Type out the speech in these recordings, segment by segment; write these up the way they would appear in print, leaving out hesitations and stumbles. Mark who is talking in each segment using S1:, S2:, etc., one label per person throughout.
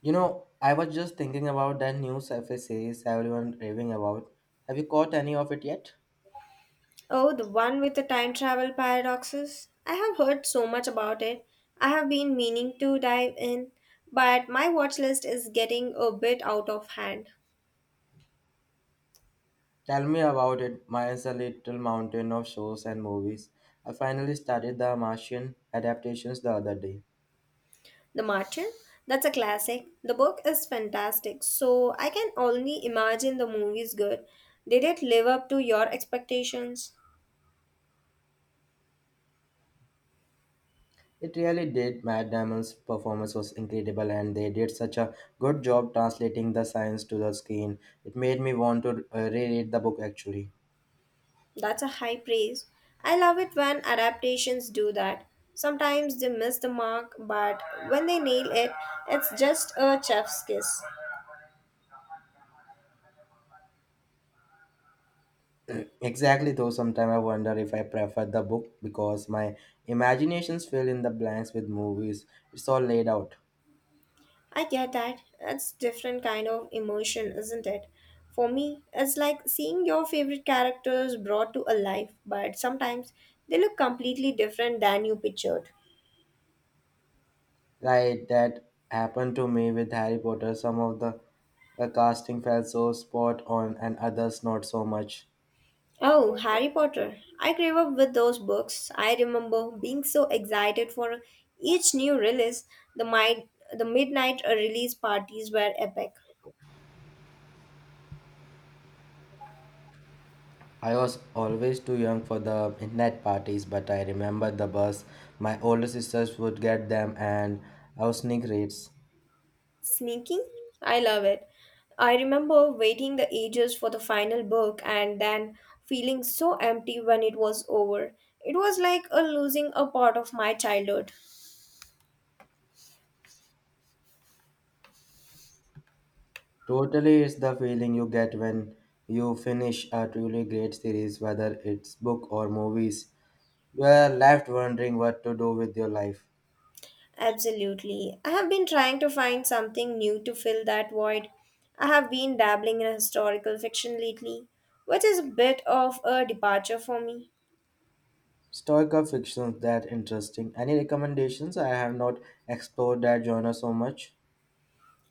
S1: You know, I was just thinking about that new sci-fi series everyone raving about. Have you caught any of it yet?
S2: Oh, the one with the time travel paradoxes? I have heard so much about it. I have been meaning to dive in, but my watch list is getting a bit out of hand.
S1: Tell me about it. Mine's a little mountain of shows and movies. I finally started the Martian adaptations the other day.
S2: The Martyr? That's a classic. The book is fantastic, so I can only imagine the movie is good. Did it live up to your expectations?
S1: It really did. Matt Damon's performance was incredible, and they did such a good job translating the science to the screen. It made me want to reread the book actually.
S2: That's a high praise. I love it when adaptations do that. Sometimes they miss the mark, but when they nail it, it's just a chef's kiss.
S1: Exactly, though sometimes I wonder if I prefer the book because my imaginations fill in the blanks with movies. It's all laid out.
S2: I get that. It's different kind of emotion, isn't it? For me, it's like seeing your favorite characters brought to life, but sometimes they look completely different than you pictured.
S1: Like that happened to me with Harry Potter. Some of the casting felt so spot on and others not so much.
S2: Oh, Harry Potter. I grew up with those books. I remember being so excited for each new release. The, mi- the midnight release parties were epic.
S1: I was always too young for the internet parties, but I remember the bus. My older sisters would get them and I was sneak rates.
S2: Sneaking? I love it. I remember waiting the ages for the final book and then feeling so empty when it was over. It was like a losing a part of my childhood.
S1: Totally, it's the feeling you get when you finish a truly great series, whether it's book or movies. You are left wondering what to do with your life.
S2: Absolutely. I have been trying to find something new to fill that void. I have been dabbling in historical fiction lately, which is a bit of a departure for me.
S1: Historical fiction's that interesting. Any recommendations? I have not explored that genre so much.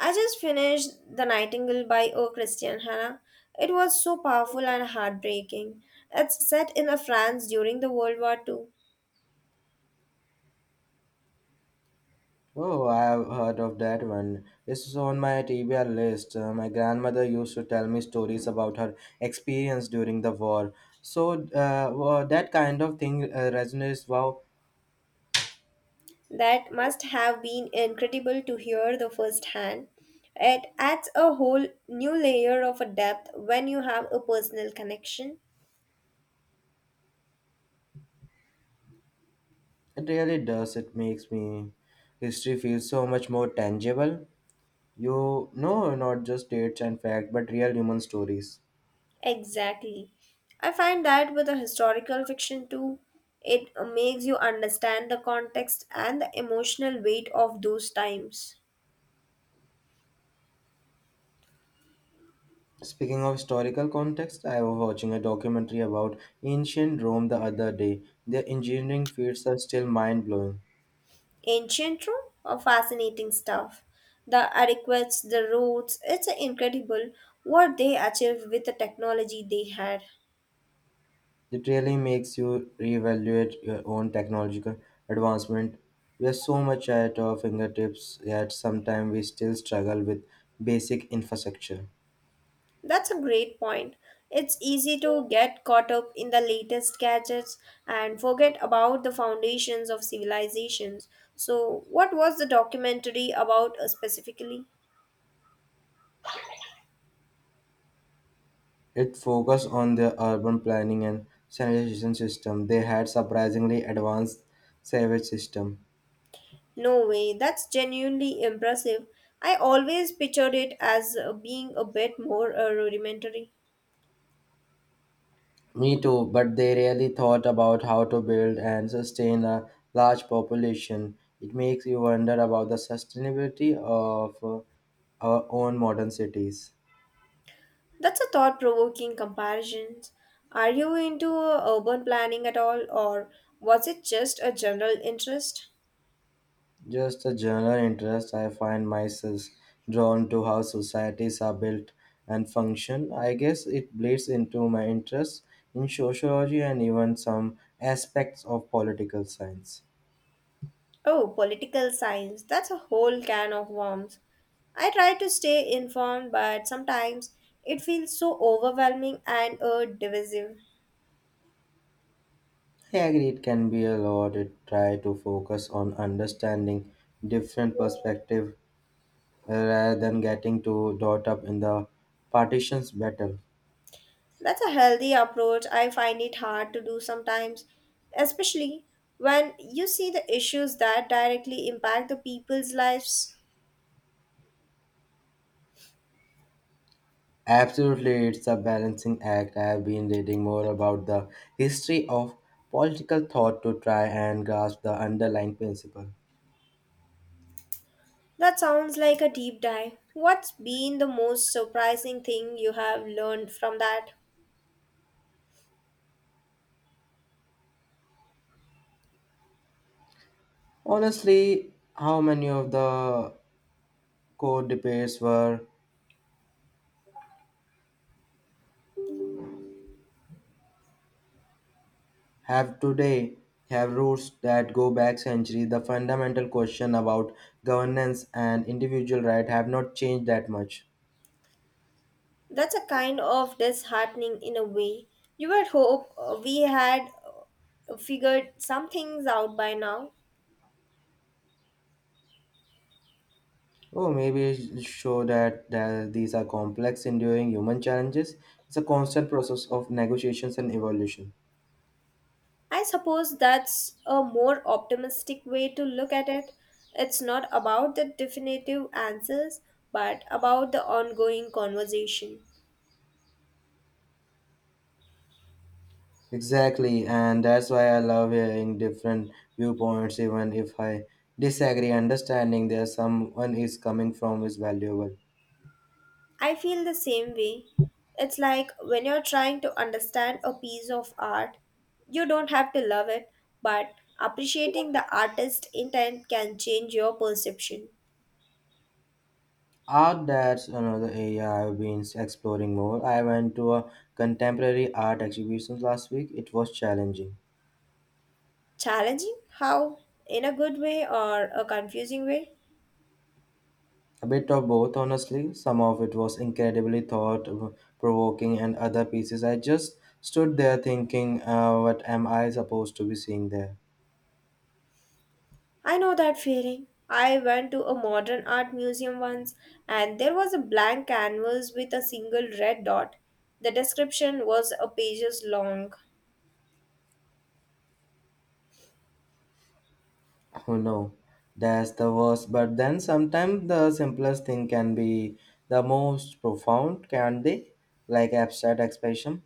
S2: I just finished The Nightingale by O. Christian Hannah. It was so powerful and heartbreaking. It's set in a France during the World War II.
S1: Oh, I have heard of that one. It's on my TBR list. My grandmother used to tell me stories about her experience during the war. So well, that kind of thing resonates. Wow,
S2: That must have been incredible to hear the first hand. It adds a whole new layer of a depth when you have a personal connection.
S1: it really does. It makes me history feels so much more tangible. You know, not just dates and facts, but real human stories.
S2: Exactly. I find that with a historical fiction too, it makes you understand the context and the emotional weight of those times.
S1: Speaking of historical context, I was watching a documentary about ancient Rome the other day. Their engineering feats are still mind blowing.
S2: Ancient Rome? Oh, fascinating stuff. The adequates, the roads, it's incredible what they achieved with the technology they had.
S1: It really makes you reevaluate your own technological advancement. We have so much at our fingertips, yet sometimes we still struggle with basic infrastructure.
S2: That's a great point. It's easy to get caught up in the latest gadgets and forget about the foundations of civilizations. So, what was the documentary about specifically?
S1: It focused on their urban planning and sanitation system. They had surprisingly advanced sewage system.
S2: No way, that's genuinely impressive. I always pictured it as being a bit more rudimentary.
S1: Me too, but they really thought about how to build and sustain a large population. It makes you wonder about the sustainability of our own modern cities.
S2: That's a thought provoking comparison. Are you into urban planning at all, or was it just a general interest?
S1: Just a general interest, I find myself drawn to how societies are built and function. I guess it bleeds into my interest in sociology and even some aspects of political science.
S2: Oh, political science. That's a whole can of worms. I try to stay informed, but sometimes it feels so overwhelming and divisive.
S1: I agree it can be a lot. It try to focus on understanding different perspective rather than getting too caught up in the partitions battle.
S2: That's a healthy approach. I find it hard to do sometimes, especially when you see the issues that directly impact the people's lives.
S1: Absolutely, it's a balancing act. I have been reading more about the history of political thought to try and grasp the underlying principle.
S2: That sounds like a deep dive. What's been the most surprising thing you have learned from that?
S1: Honestly, how many of the core debates were have today have roots that go back centuries? The fundamental question about governance and individual right have not changed that much.
S2: That's a kind of disheartening in a way. You would hope we had figured some things out by now.
S1: Oh, maybe it show that these are complex, enduring human challenges. It's a constant process of negotiations and evolution.
S2: I suppose that's a more optimistic way to look at it. It's not about the definitive answers, but about the ongoing conversation.
S1: Exactly, and that's why I love hearing different viewpoints, even if I disagree. Understanding there someone is coming from is valuable.
S2: I feel the same way. It's like when you're trying to understand a piece of art, you don't have to love it, but appreciating the artist's intent can change your perception.
S1: Art that's another area I've been exploring more. I went to a contemporary art exhibition last week. It was challenging.
S2: Challenging? How? In a good way or a confusing way?
S1: A bit of both, honestly. Some of it was incredibly thought provoking, and other pieces I just stood there thinking, what am I supposed to be seeing there?
S2: I know that feeling. I went to a modern art museum once and there was a blank canvas with a single red dot. The description was a pages long.
S1: Oh no, that's the worst. But then sometimes the simplest thing can be the most profound, can't they? Like abstract expression.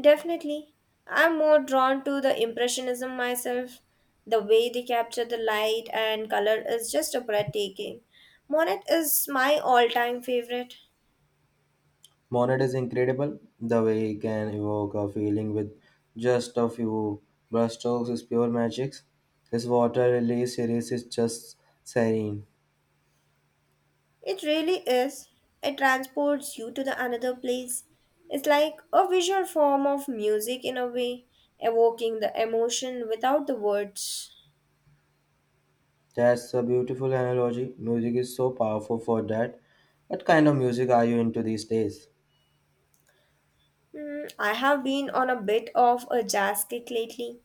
S2: Definitely. I'm more drawn to the Impressionism myself. The way they capture the light and color is just a breathtaking. Monet is my all time favorite.
S1: Monet is incredible. The way he can evoke a feeling with just a few brushstrokes is pure magic. His water release series is just serene.
S2: It really is. It transports you to the another place. It's like a visual form of music in a way, evoking the emotion without the words.
S1: That's a beautiful analogy. Music is so powerful for that. What kind of music are you into these days?
S2: Mm, I have been on a bit of a jazz kick lately.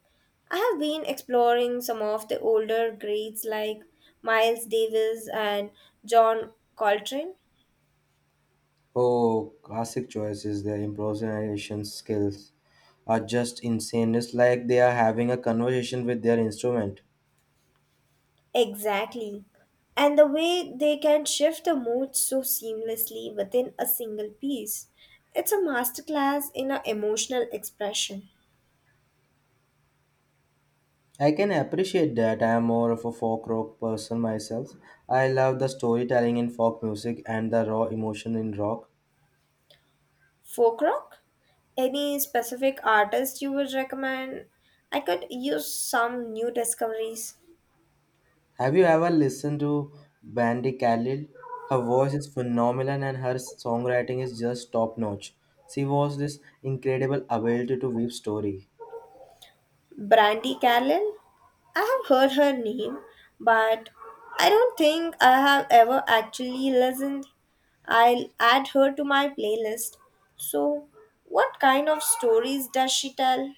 S2: I have been exploring some of the older greats like Miles Davis and John Coltrane.
S1: Oh, classic choices, the improvisation skills. Are just insane. It's like they are having a conversation with their instrument.
S2: Exactly. And the way they can shift the mood so seamlessly within a single piece. It's a masterclass in a emotional expression.
S1: I can appreciate that. I am more of a folk rock person myself. I love the storytelling in folk music and the raw emotion in rock.
S2: Folk rock? Any specific artist you would recommend? I could use some new discoveries.
S1: Have you ever listened to Bandy Khalil? Her voice is phenomenal and her songwriting is just top notch. She was this incredible ability to weave story.
S2: Brandy Carlyle? I have heard her name, but I don't think I have ever actually listened. I'll add her to my playlist. So, what kind of stories does she tell?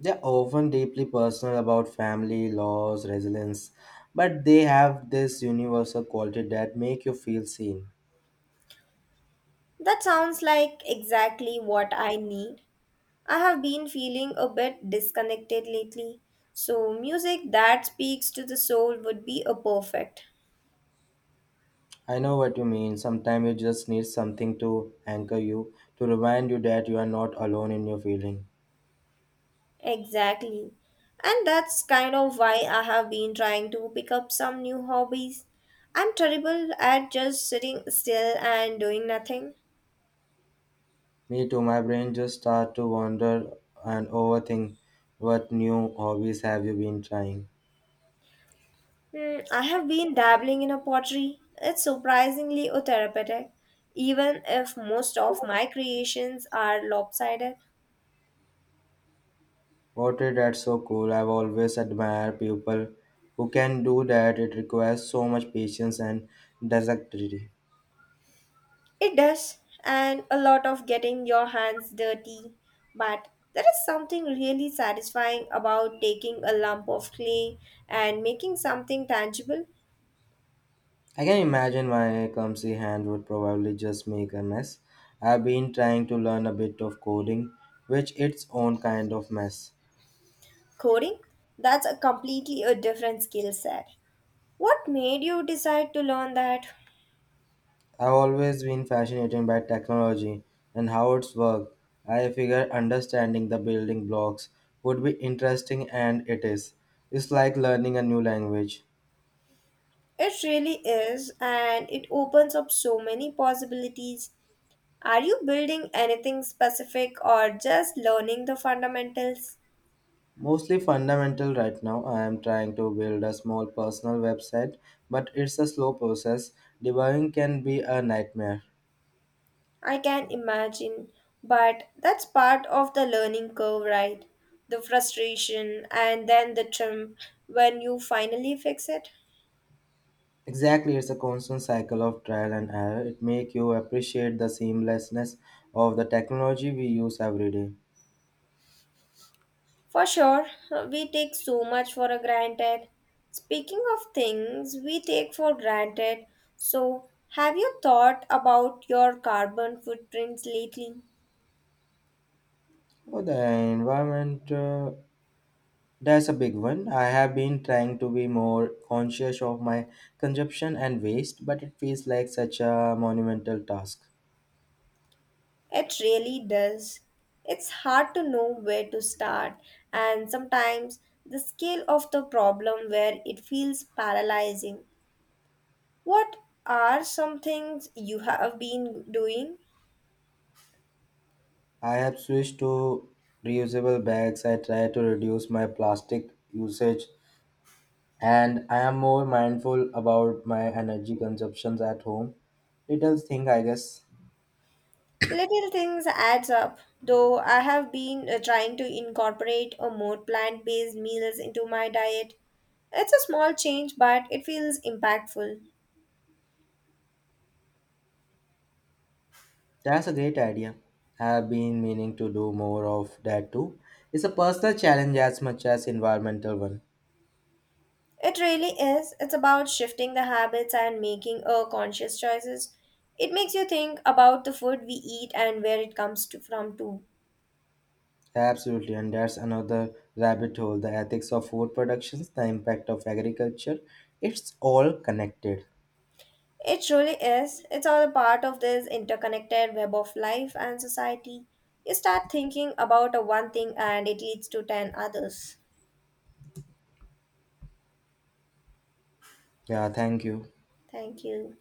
S1: They're often deeply personal about family, loss, resilience, but they have this universal quality that make you feel seen.
S2: That sounds like exactly what I need. I have been feeling a bit disconnected lately, so music that speaks to the soul would be a perfect.
S1: I know what you mean. Sometimes you just need something to anchor you, to remind you that you are not alone in your feeling.
S2: Exactly. And that's kind of why I have been trying to pick up some new hobbies. I'm terrible at just sitting still and doing nothing.
S1: Me too, my brain just start to wander and overthink what new hobbies have you been trying.
S2: Hmm, I have been dabbling in a pottery. It's surprisingly therapeutic, even if most of my creations are lopsided.
S1: Pottery, that's so cool. I've always admired people who can do that. It requires so much patience and dexterity.
S2: It does, and a lot of getting your hands dirty. But there is something really satisfying about taking a lump of clay and making something tangible.
S1: I can imagine my clumsy hand would probably just make a mess. I've been trying to learn a bit of coding, which its own kind of mess.
S2: Coding? That's a completely a different skill set. What made you decide to learn that?
S1: I've always been fascinated by technology and how it's work. I figure understanding the building blocks would be interesting and it is. It's like learning a new language.
S2: It really is, and it opens up so many possibilities. Are you building anything specific or just learning the fundamentals?
S1: Mostly fundamental right now. I am trying to build a small personal website, but it's a slow process. Debugging can be a nightmare.
S2: I can imagine, but that's part of the learning curve, right? The frustration and then the triumph when you finally fix it.
S1: Exactly, it's a constant cycle of trial and error. It makes you appreciate the seamlessness of the technology we use every day.
S2: For sure, we take so much for granted. Speaking of things we take for granted, so have you thought about your carbon footprints lately?
S1: Oh, the environment, that's a big one. I have been trying to be more conscious of my consumption and waste, but it feels like such a monumental task.
S2: It really does. It's hard to know where to start, and sometimes the scale of the problem where it feels paralyzing. What are some things you have been doing?
S1: I have switched to reusable bags. I try to reduce my plastic usage, and I am more mindful about my energy consumptions at home. Little thing, I guess.
S2: Little things adds up, though I have been trying to incorporate a more plant-based meals into my diet. It's a small change, but it feels impactful.
S1: That's a great idea. I have been meaning to do more of that too. It's a personal challenge as much as environmental one.
S2: It really is. It's about shifting the habits and making a conscious choices. It makes you think about the food we eat and where it comes to, from too.
S1: Absolutely, and that's another rabbit hole. The ethics of food productions, the impact of agriculture. It's all connected.
S2: It truly is. It's all a part of this interconnected web of life and society. You start thinking about a one thing and it leads to 10 others.
S1: Yeah, thank you.
S2: Thank you.